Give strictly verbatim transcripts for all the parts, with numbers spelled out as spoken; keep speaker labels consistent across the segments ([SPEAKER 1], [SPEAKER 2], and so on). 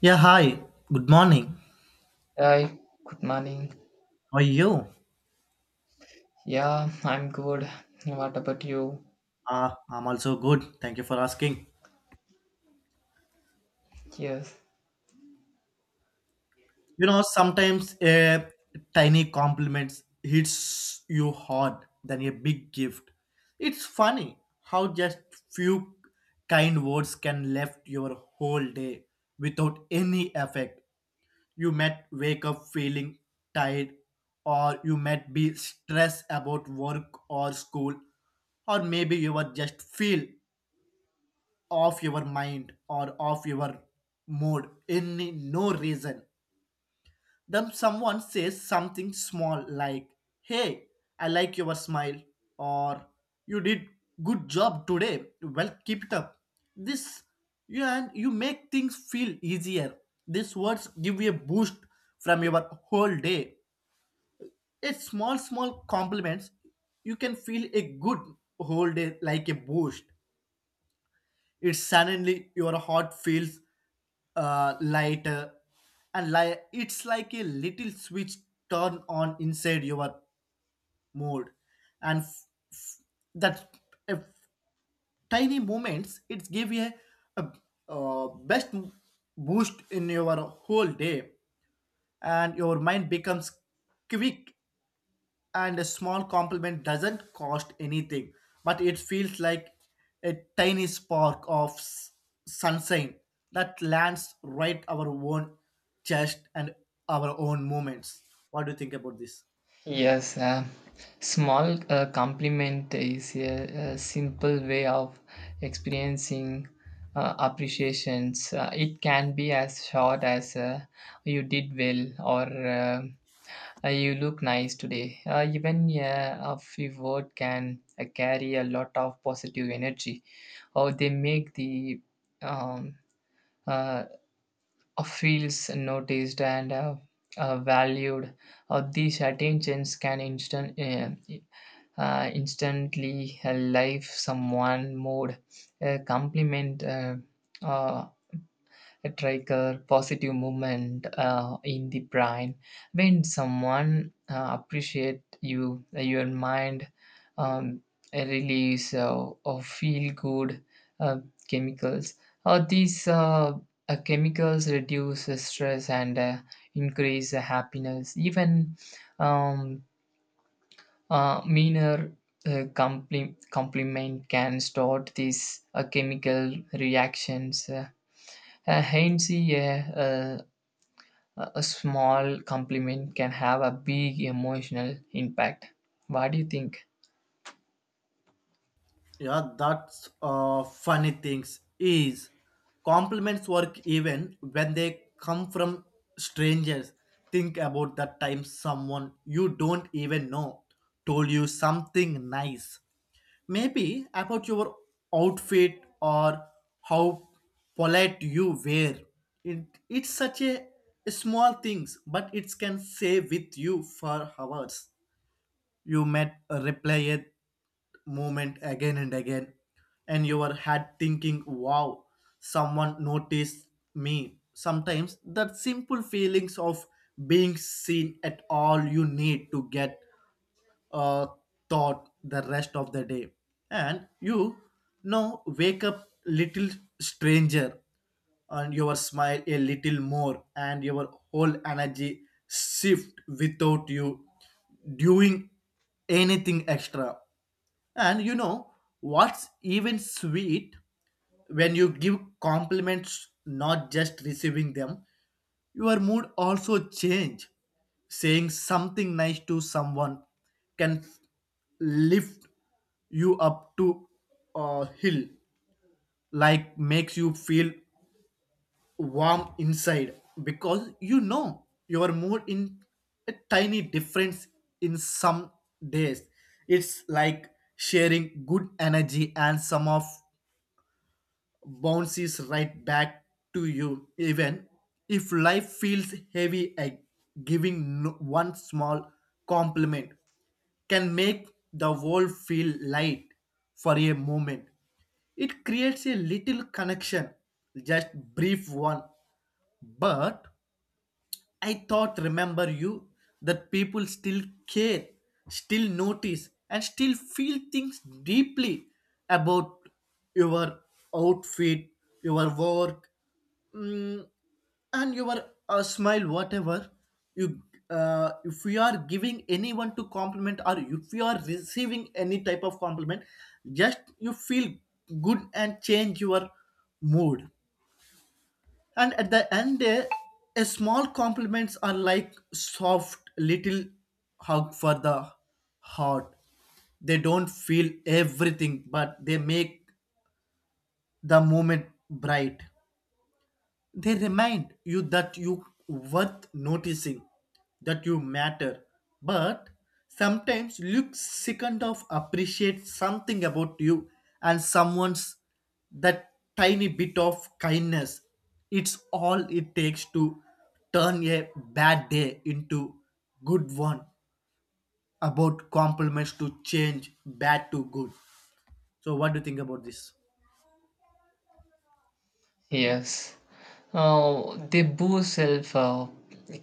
[SPEAKER 1] Yeah, hi. Good morning.
[SPEAKER 2] Hi, good morning.
[SPEAKER 1] How are you?
[SPEAKER 2] Yeah, I'm good. What about you?
[SPEAKER 1] Uh, I'm also good. Thank you for asking.
[SPEAKER 2] Yes.
[SPEAKER 1] You know, sometimes a tiny compliment hits you hard than a big gift. It's funny how just few kind words can left your whole day without any effect. You might wake up feeling tired, or you might be stressed about work or school, or maybe you were just feel off your mind or off your mood in no reason. Then someone says something small like, "Hey, I like your smile," or "You did good job today. Well, keep it up." This you and you make things feel easier. These words give you a boost from your whole day. A small, small compliments. You can feel a good whole day like a boost. It's suddenly your heart feels uh, lighter, and li- it's like a little switch turn on inside your mood and f- f- that uh, tiny moments it give you a, a best boost in your whole day, and your mind becomes quick, and a small compliment doesn't cost anything, but it feels like a tiny spark of s- sunshine that lands right our own chest and our own moments. What do you think about this?
[SPEAKER 2] Yes, uh, small uh, compliment is a, a simple way of experiencing uh, appreciations. Uh, it can be as short as uh, you did well or uh, uh, you look nice today. Uh, even uh, a few words can uh, carry a lot of positive energy, or they make the um, uh, uh, feels noticed and uh, uh, valued. Uh, these attentions can instant, uh, uh, instantly uh, life someone mood. A compliment, uh, uh, a trigger positive movement uh, in the brain. When someone uh, appreciate you, uh, your mind um, a release uh, of feel good uh, chemicals. Uh, these uh, uh, chemicals reduce the stress and uh, increase the happiness. Even um, uh, minor uh, compli- compliment can start these uh, chemical reactions. Uh, uh, hence, yeah, uh, a a small compliment can have a big emotional impact. What do you think?
[SPEAKER 1] Yeah, that's uh, funny things is compliments work even when they come from strangers. Think about that time someone you don't even know told you something nice. Maybe about your outfit or how polite you wear. It, it's such a small things, but it can stay with you for hours. You met a replayed moment again and again, and you were had thinking, wow, someone noticed me. Sometimes that simple feelings of being seen at all you need to get uh, thought the rest of the day. And you now wake up little stranger, and your smile a little more, and your whole energy shift without you doing anything extra. And you know what's even sweet when you give compliments, not just receiving them, your mood also change. Saying something nice to someone can lift you up to a hill, like makes you feel warm inside because you know your mood in a tiny difference in some days. It's like sharing good energy, and some of bounces right back to you even if life feels heavy. A giving no- one small compliment can make the world feel light for a moment. It creates a little connection, just brief one, but I thought, remember you, that people still care, still notice, and still feel things deeply about your outfit, your work, mm, and your uh, smile, whatever. You, uh, if you are giving anyone to compliment, or if you are receiving any type of compliment, just you feel good and change your mood. And at the end eh, a small compliments are like soft little hug for the heart. They don't feel everything, but they make the moment bright. They remind you that you worth noticing, that you matter. But sometimes look second of appreciate something about you and someone's that tiny bit of kindness. It's all it takes to turn a bad day into good one. About compliments to change bad to good. So what do you think about this?
[SPEAKER 2] Yes. Uh, they boost self uh,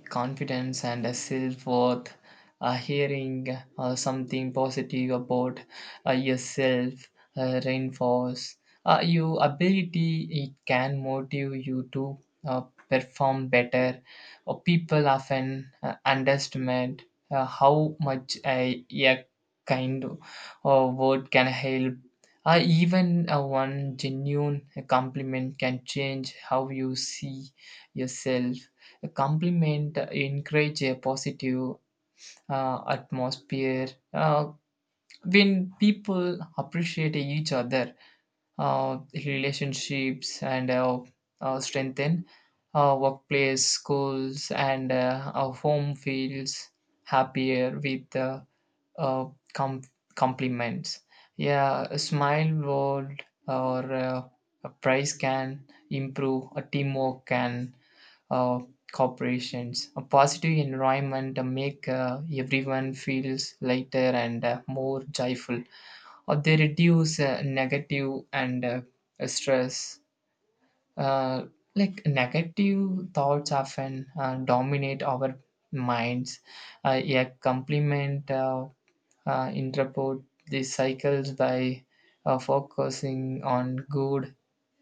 [SPEAKER 2] confidence and uh, self worth. Uh, hearing uh, something positive about uh, yourself uh, reinforce uh, your ability. It can motive you to uh, perform better. Uh, people often uh, underestimate uh, how much a, a kind uh, word can help. Uh, even uh, one genuine compliment can change how you see yourself. A compliment encourages a positive uh, atmosphere. Uh, when people appreciate each other, uh, relationships and uh, uh, strengthen, uh, workplace, schools, and uh, our home feels happier with uh, uh, com- compliments. Yeah, a smile word or uh, a price can improve, a teamwork can uh, corporations. A positive environment uh, make uh, everyone feels lighter and uh, more joyful, or they reduce uh, negative and uh, stress. Uh, like negative thoughts often uh, dominate our minds. Uh, a complement uh, uh, interpret these cycles by uh, focusing on good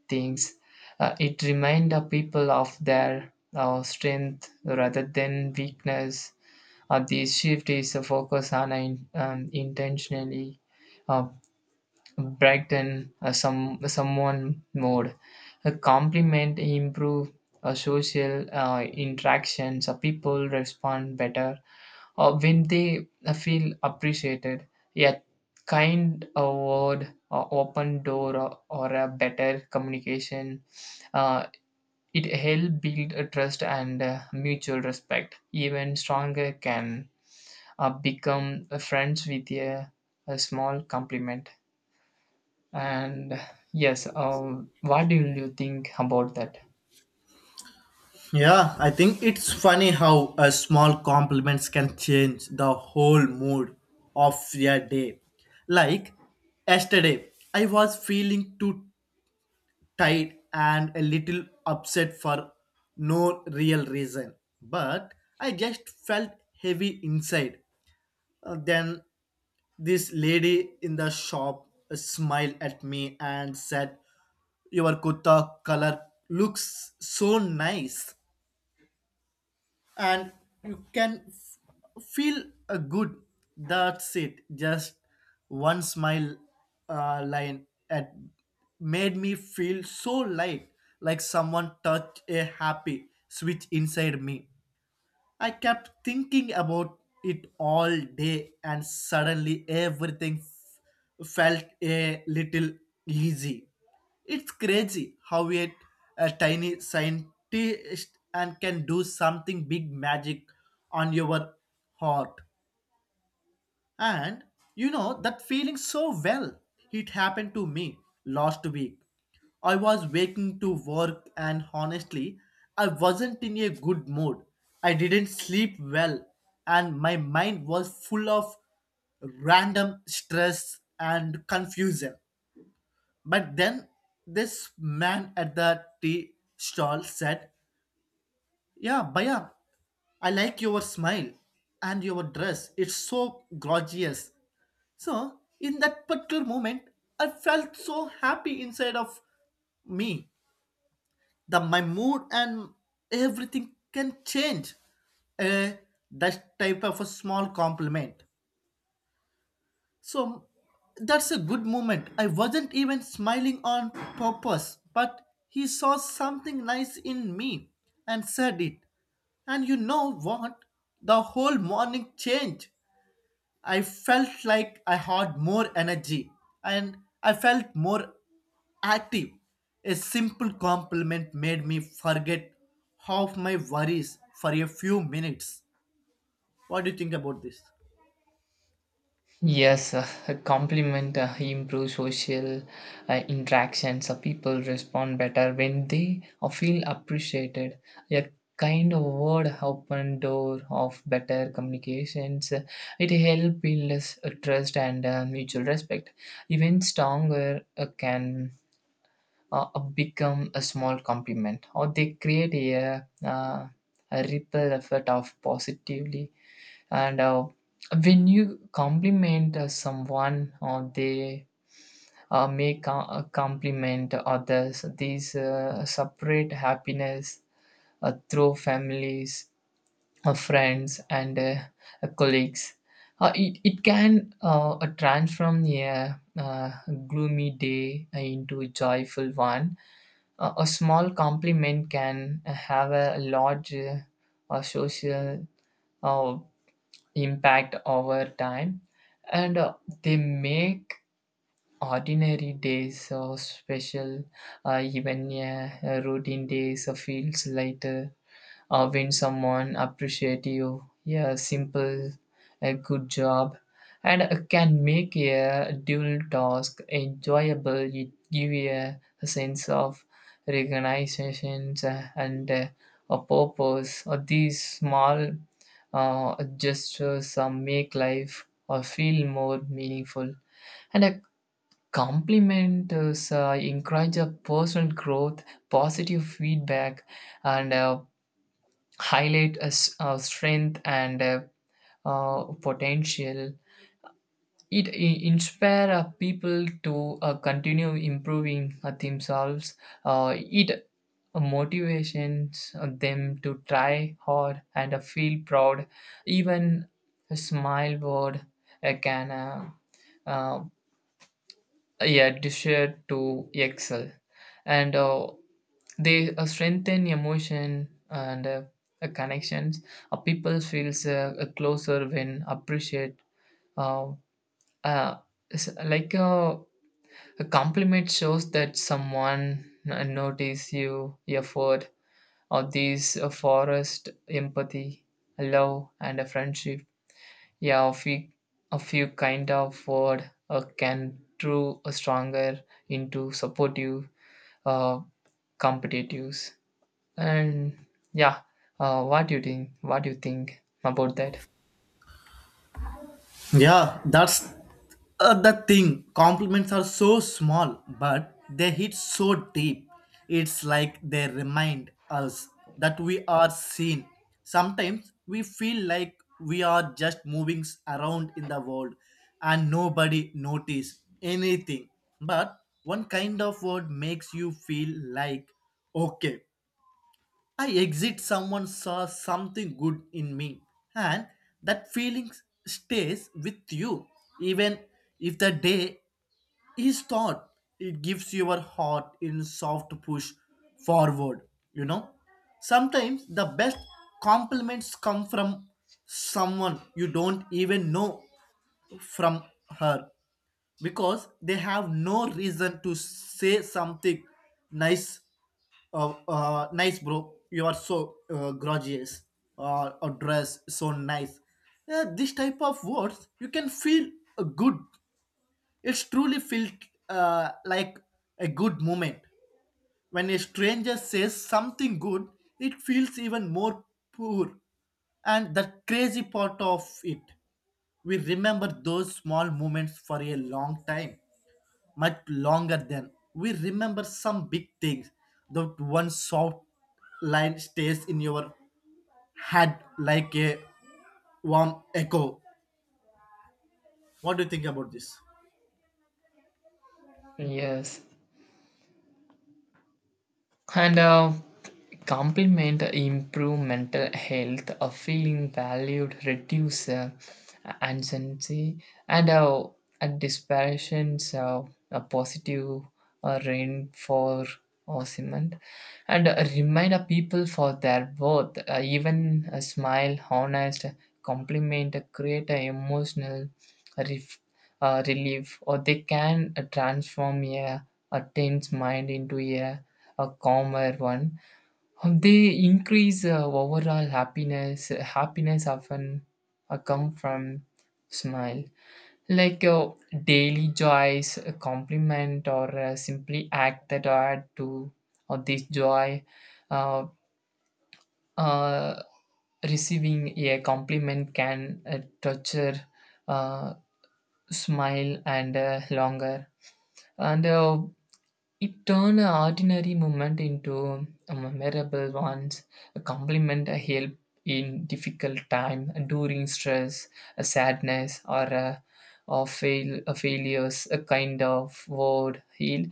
[SPEAKER 2] things. Uh, it reminds the people of their uh, strength rather than weakness. Uh, this shift is a focus on an, um, intentionally uh, brighten uh, some someone mode. A compliment improve uh, social uh, interactions. Uh, people respond better or when they uh, feel appreciated. A kind uh, word uh, open door or, or a better communication. Uh, it help build a trust and uh, mutual respect. Even stronger can uh, become uh, friends with a, a small compliment. And yes, um, what do you think about that?
[SPEAKER 1] Yeah, I think it's funny how a small compliments can change the whole mood of your day. Like yesterday, I was feeling too tired and a little upset for no real reason, but I just felt heavy inside. Uh, Then this lady in the shop smiled at me and said, "Your kurta color looks so nice." And you can f- feel a good, that's it, just one smile uh, line at made me feel so light, like someone touched a happy switch inside me. I kept thinking about it all day, and suddenly everything f- felt a little easy. It's crazy how a, a tiny scientist and can do something big magic on your heart. And you know that feeling so well. It happened to me last week. I was waking to work and honestly, I wasn't in a good mood. I didn't sleep well, and my mind was full of random stress and confusion. But then this man at the tea stall said, "Yeah, Baya, I like your smile and your dress. It's so gorgeous." So, in that particular moment, I felt so happy inside of me that my mood and everything can change. Uh, that type of a small compliment. So, that's a good moment. I wasn't even smiling on purpose, but he saw something nice in me and said it. And you know what? The whole morning changed. I felt like I had more energy, and I felt more active. A simple compliment made me forget half my worries for a few minutes. What do you think about this?
[SPEAKER 2] Yes, uh, a compliment uh, improves social uh, interactions. Uh, people respond better when they uh, feel appreciated. A kind of word open door of better communications. Uh, It helps build us, uh, trust and uh, mutual respect. Even stronger uh, can uh, uh, become a small compliment, or they create a, uh, a ripple effect of positively. And uh, when you compliment uh, someone, or they uh, may co- uh, compliment others, these uh, separate happiness uh, through families, uh, friends, and uh, uh, colleagues. Uh, it, it can uh, uh, transform a uh, gloomy day into a joyful one. A, a small compliment can have a large uh, uh, social uh, impact over time, and uh, they make ordinary days so special. Uh, even a, routine days uh, feels lighter uh, when someone appreciate you. Yeah, simple a good job and uh, can make a dual task enjoyable. It give you a, a sense of recognition uh, and uh, a purpose, or these small uh, gestures uh, make life or feel more meaningful. And a compliment is uh, encourage a personal growth, positive feedback, and uh, highlight a, s- a strength and a, uh, potential. It i- inspire uh, people to uh, continue improving uh, themselves. Uh, it motivates them to try hard and uh, feel proud. Even a smile word uh, can uh, uh, yeah, desire to excel. And uh, they uh, strengthen emotion and uh, uh, connections. Uh, people feels uh, uh, closer when appreciate. Uh, uh, s- like uh, a compliment shows that someone n- notice you effort, or these uh, forest empathy, love and a friendship. Yeah, a few, a few kind of word uh, can through a stronger into supportive uh, competitives. And yeah, uh, what do you think? What do you think about that?
[SPEAKER 1] Yeah, that's uh, the thing. Compliments are so small, but they hit so deep. It's like they remind us that we are seen. Sometimes we feel like we are just moving s- around in the world and nobody notice anything. But one kind of word makes you feel like, okay, I exit someone saw something good in me, and that feeling stays with you even if the day is short. It gives your heart in soft push forward, you know, sometimes the best compliments come from someone you don't even know, from her, because they have no reason to say something nice. Uh, uh, nice bro, you are so uh, gorgeous. Uh, or uh, dress so nice. Yeah, this type of words you can feel uh, good. It's truly felt uh, like a good moment. When a stranger says something good, it feels even more poor. And the crazy part of it, we remember those small moments for a long time, much longer than we remember some big things. That one soft line stays in your head like a warm echo. What do you think about this?
[SPEAKER 2] Yes, and uh, compliment improve mental health. Uh, feeling valued reduce uh, anxiety and uh, uh, disparitions, so a positive uh, rain for or cement, and uh, remind uh, people for their worth. Uh, even a smile honest compliment uh, create a emotional ref- uh, relief, or they can uh, transform a, a tense mind into a a calmer one. Um, They increase uh, overall happiness. Happiness often uh, come from smile, like uh, daily joys, a compliment, or uh, simply act that add to uh, this joy. Uh, uh, Receiving a compliment can uh, torture uh, smile and uh, longer and. Uh, It turned an ordinary moment into a memorable one, a compliment, a help in difficult time, during stress, a sadness, or a, or fail, a failures, a kind of word, heal.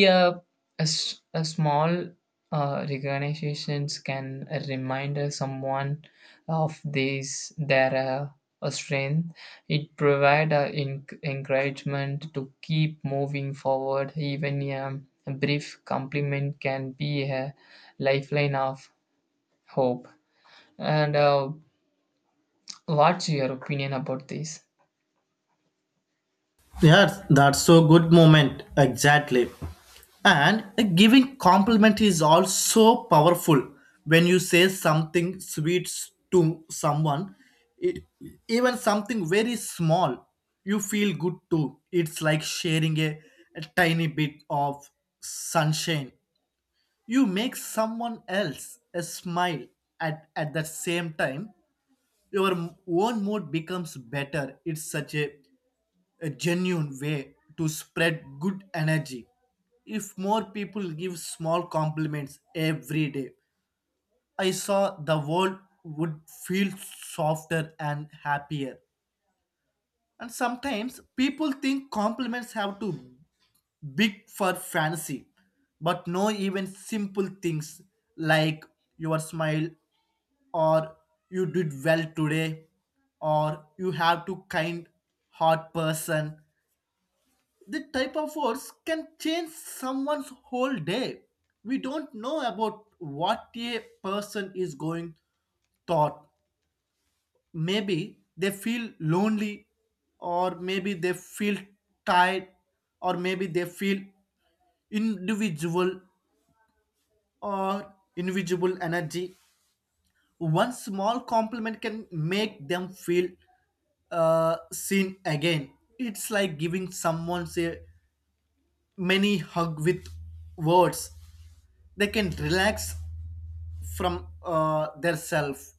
[SPEAKER 2] Yeah, a, s- a small uh, recognitions can remind someone of this, their uh, strength. It provides encouragement to keep moving forward. Even a brief compliment can be a lifeline of hope. And uh, what's your opinion about this?
[SPEAKER 1] Yes, that's so good moment. Exactly. And a giving compliment is also powerful. When you say something sweet to someone, it, even something very small, you feel good too. It's like sharing a, a tiny bit of sunshine. You make someone else a smile at, at the same time. Your m- own mood becomes better. It's such a a genuine way to spread good energy. If more people give small compliments every day, I saw the world would feel softer and happier. And sometimes people think compliments have to big for fancy, but no, even simple things like your smile or you did well today or you have to kind heart person, the type of words can change someone's whole day. We don't know about what a person is going thought. Maybe they feel lonely, or maybe they feel tired, or maybe they feel individual or individual energy. One small compliment can make them feel uh, seen again. It's like giving someone say many hug with words. They can relax from uh, their self,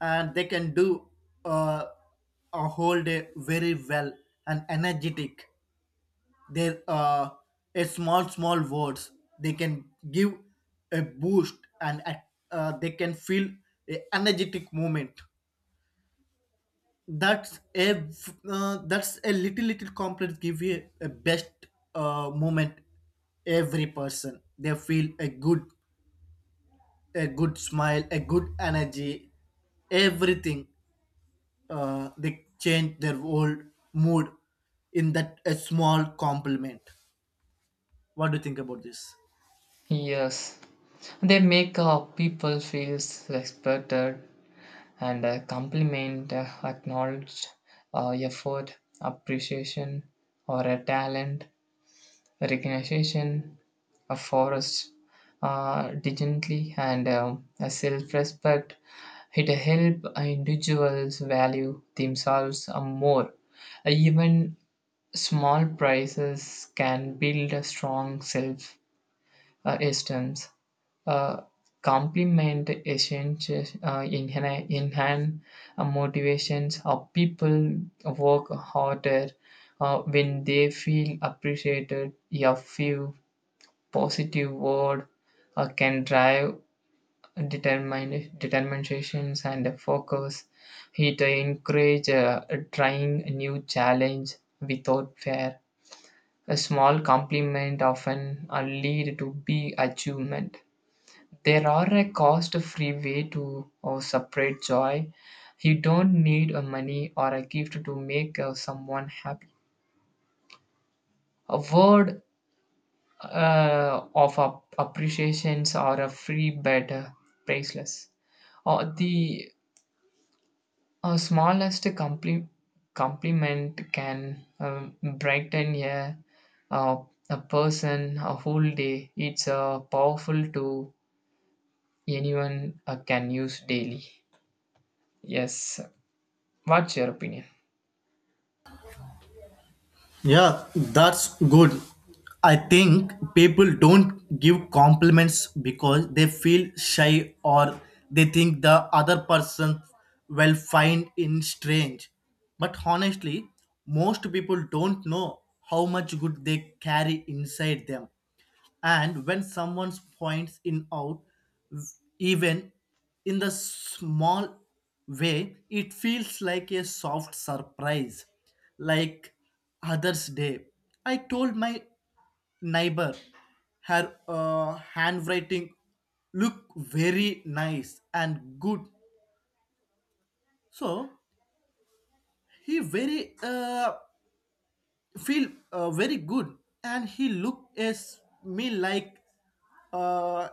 [SPEAKER 1] and they can do uh, a whole day very well and energetic. Their uh, a small small words, they can give a boost, and uh, they can feel a energetic moment. That's a uh, that's a little little complex give you a best uh, moment. Every person they feel a good, a good smile, a good energy, everything. Uh, they change their whole mood in that a small compliment. What do you think about this?
[SPEAKER 2] Yes, they make uh, people feel respected and uh, compliment, uh, acknowledged uh, effort, appreciation, or a talent. Recognition of forests uh, dignity and um, a self-respect. It help individuals value themselves uh, more. Uh, even small prices can build a strong self uh, esteem. uh, Complement essential uh, enhan- enhance uh, motivations of people work harder uh, when they feel appreciated. A few positive word uh, can drive determin- determinations and focus. It encourages uh, trying new challenge without fear. A small compliment often uh, lead to big achievement. There are a cost-free way to uh, separate joy. You don't need a money or a gift to make uh, someone happy. A word uh, of ap- appreciations or a free bed uh, priceless, or the uh, smallest compli- compliment can um, brighten a, uh, a person a whole day. It's uh, powerful to anyone uh, can use daily. Yes, what's your opinion?
[SPEAKER 1] Yeah, that's good. I think people don't give compliments because they feel shy or they think the other person will find it strange. But honestly, most people don't know how much good they carry inside them, and when someone points in out, even in the small way, it feels like a soft surprise. Like others day, I told my neighbor her uh, handwriting look very nice and good. So he very uh, feel uh, very good, and he looked at me like uh,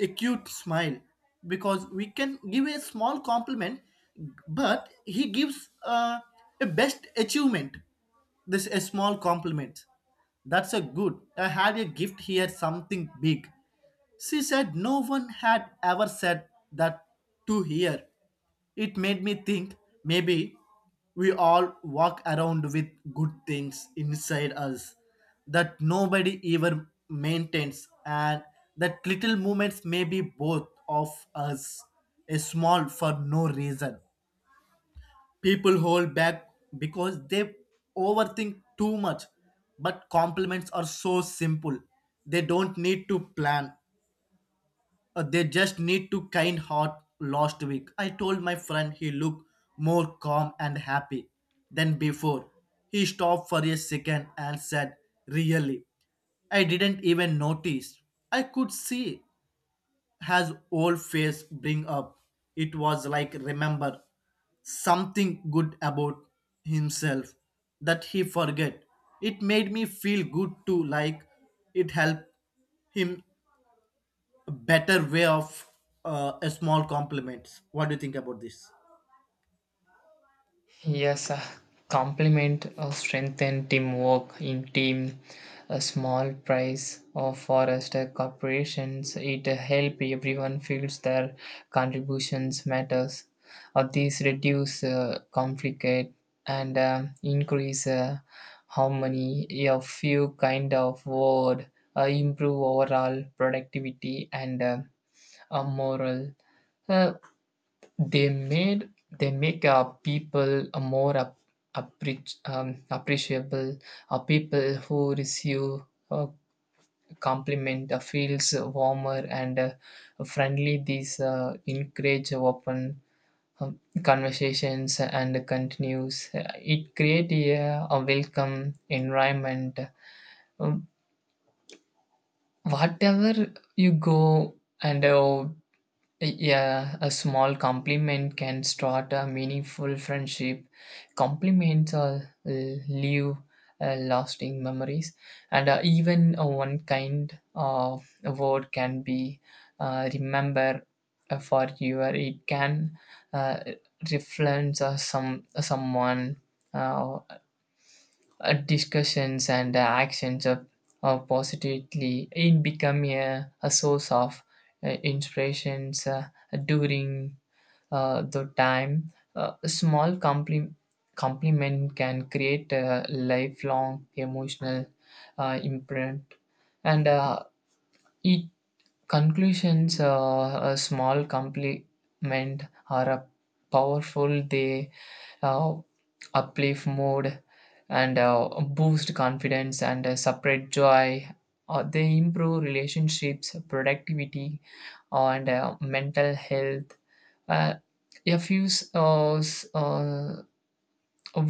[SPEAKER 1] a cute smile, because we can give a small compliment, but he gives uh, a best achievement. This a small compliment, that's a good, I had a gift here something big. She said no one had ever said that to her. It made me think maybe we all walk around with good things inside us that nobody ever maintains, and that little moments may be both of us a small for no reason. People hold back because they overthink too much, but compliments are so simple. They don't need to plan, uh, they just need to kind heart last week. I told my friend he looked more calm and happy than before. He stopped for a second and said, "Really? I didn't even notice." I could see his old face bring up. It was like remember something good about himself that he forget. It made me feel good too, like it helped him better way of uh, a small compliments. What do you think about this?
[SPEAKER 2] Yes, uh, complement or strengthen teamwork in team. A small prize or forest uh, corporations. It uh, help everyone feels their contributions matters. Or these reduce uh, conflict and um, increase uh, harmony. A few kind of word uh, improve overall productivity and uh, uh, moral. Uh, they made they make uh, people a more ap- appreci- um, appreciable. Uh, people who receive a compliment uh, feels warmer and uh, friendly. These uh, encourage open um, conversations and continues. Uh, It create a, a welcome environment. Um, Whatever you go and uh, yeah, a small compliment can start a meaningful friendship. Compliments uh, leave uh, lasting memories, and uh, even uh, one kind of word can be uh, remembered for you. It can uh, reference uh, some someone. uh, uh, Discussions and uh, actions of, of positively in become a, a source of uh, inspirations uh, during uh, the time. Uh, a small compliment compliment can create a lifelong emotional uh, imprint. And uh, it conclusions, uh, a small compliment are a powerful. They uh, uplift mood and uh, boost confidence and uh, separate joy. Uh, they improve relationships, productivity, uh, and uh, mental health. Uh, a few s- uh, s- uh,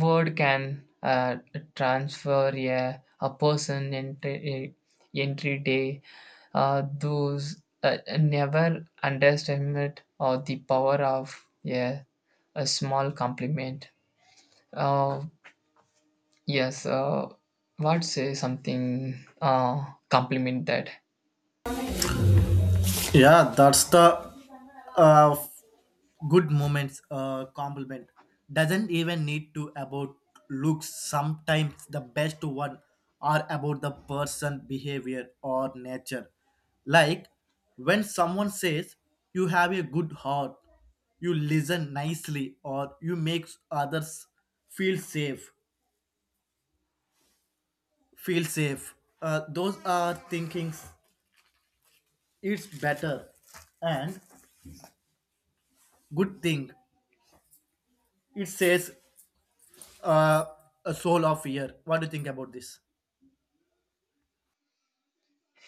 [SPEAKER 2] word can uh, transfer a, a person entry, entry day. Uh, those uh, never underestimate uh, the power of a, a small compliment. Uh, Yes, uh, what say something uh, compliment that?
[SPEAKER 1] Yeah, that's the uh, good moments uh, compliment doesn't even need to about looks. Sometimes the best one are about the person behavior or nature. Like when someone says you have a good heart, you listen nicely, or you make others feel safe feel safe uh, Those are thinkings, it's better and good thing it says uh, a soul of fear. What do you think about this?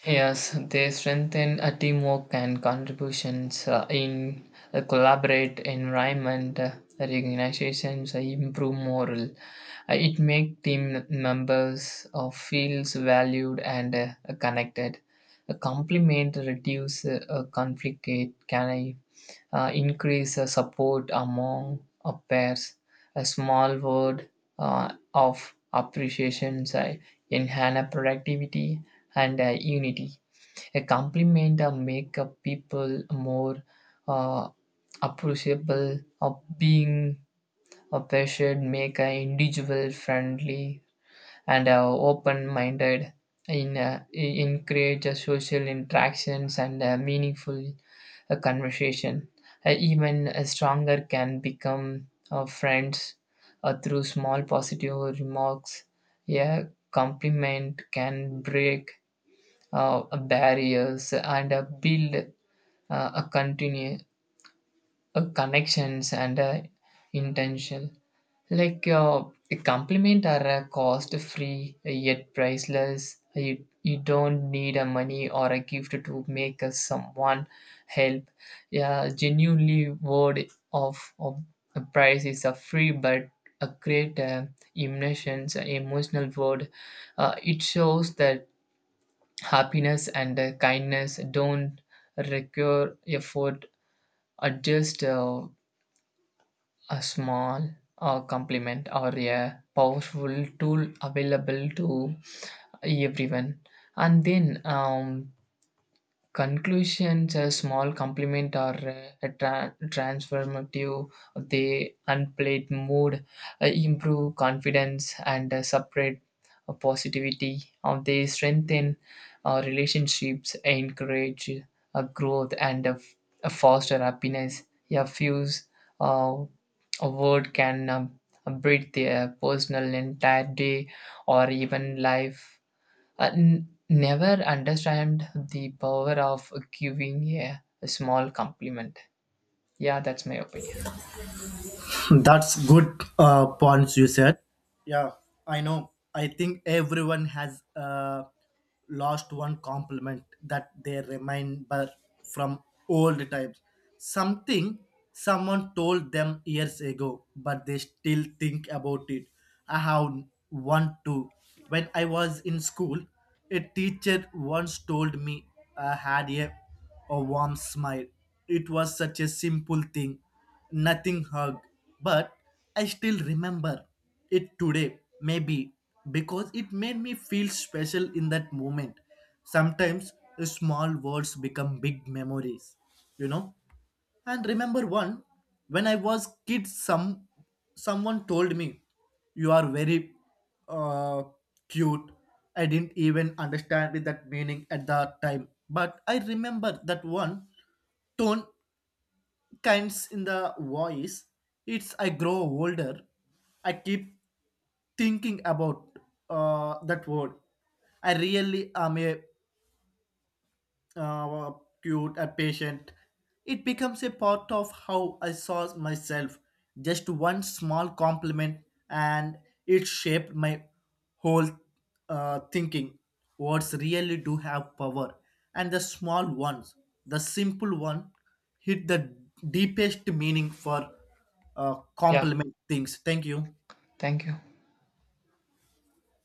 [SPEAKER 2] Yes, they strengthen a teamwork and contributions uh, in a collaborate environment. Uh, organizations uh, improve morale. Uh, it make team members uh, feels valued and uh, connected. A compliment reduce uh, uh, conflict. It can uh, increase uh, support among uh, pairs. A small word uh, of appreciation uh, enhance productivity and uh, unity. A compliment uh, make uh, people more uh, appreciable of being a patient, make an individual friendly and uh, open-minded in uh, en- encourage uh, social interactions and uh, meaningful a conversation. Uh, even a stronger can become uh, friends uh, through small positive remarks. A compliment can break uh, barriers and uh, build uh, a continue uh, connections and uh, intention. Like uh, a compliment are a cost free yet priceless. You, you don't need a money or a gift to make us someone help. Yeah, genuinely word of, of a price is a free but a great uh, emotions, uh, emotional word. Uh, it shows that happiness and uh, kindness don't require effort, are just uh, a small uh, complement or a powerful tool available to everyone. And then, um, conclusions, a small compliment or a, a tra- transformative, they unplayed mood, uh, improve confidence, and uh, separate uh, positivity. Uh, they strengthen uh, relationships, encourage uh, growth, and uh, f- uh, foster happiness. A few uh, a word can um, breathe their personal entire day or even life. I n- never understand the power of giving a a small compliment. Yeah, that's my opinion.
[SPEAKER 1] That's good uh, points you said. Yeah, I know. I think everyone has uh, lost one compliment that they remember from old times. Something someone told them years ago, but they still think about it. I have one too. When I was in school, a teacher once told me I had a, a warm smile. It was such a simple thing, nothing hug, but I still remember it today, maybe because it made me feel special in that moment. Sometimes small words become big memories, you know. And remember one, when I was kid, some someone told me, "You are very uh, cute." I didn't even understand that meaning at the time, but I remember that one tone kinds in the voice. It's I grow older. I keep thinking about uh, that word. I really am a uh, cute and patient. It becomes a part of how I saw myself. Just one small compliment, and it shaped my whole uh, thinking. Words really do have power, and the small ones, the simple one, hit the deepest meaning for uh,
[SPEAKER 2] Yeah,
[SPEAKER 1] compliment things. Thank you.
[SPEAKER 2] thank you.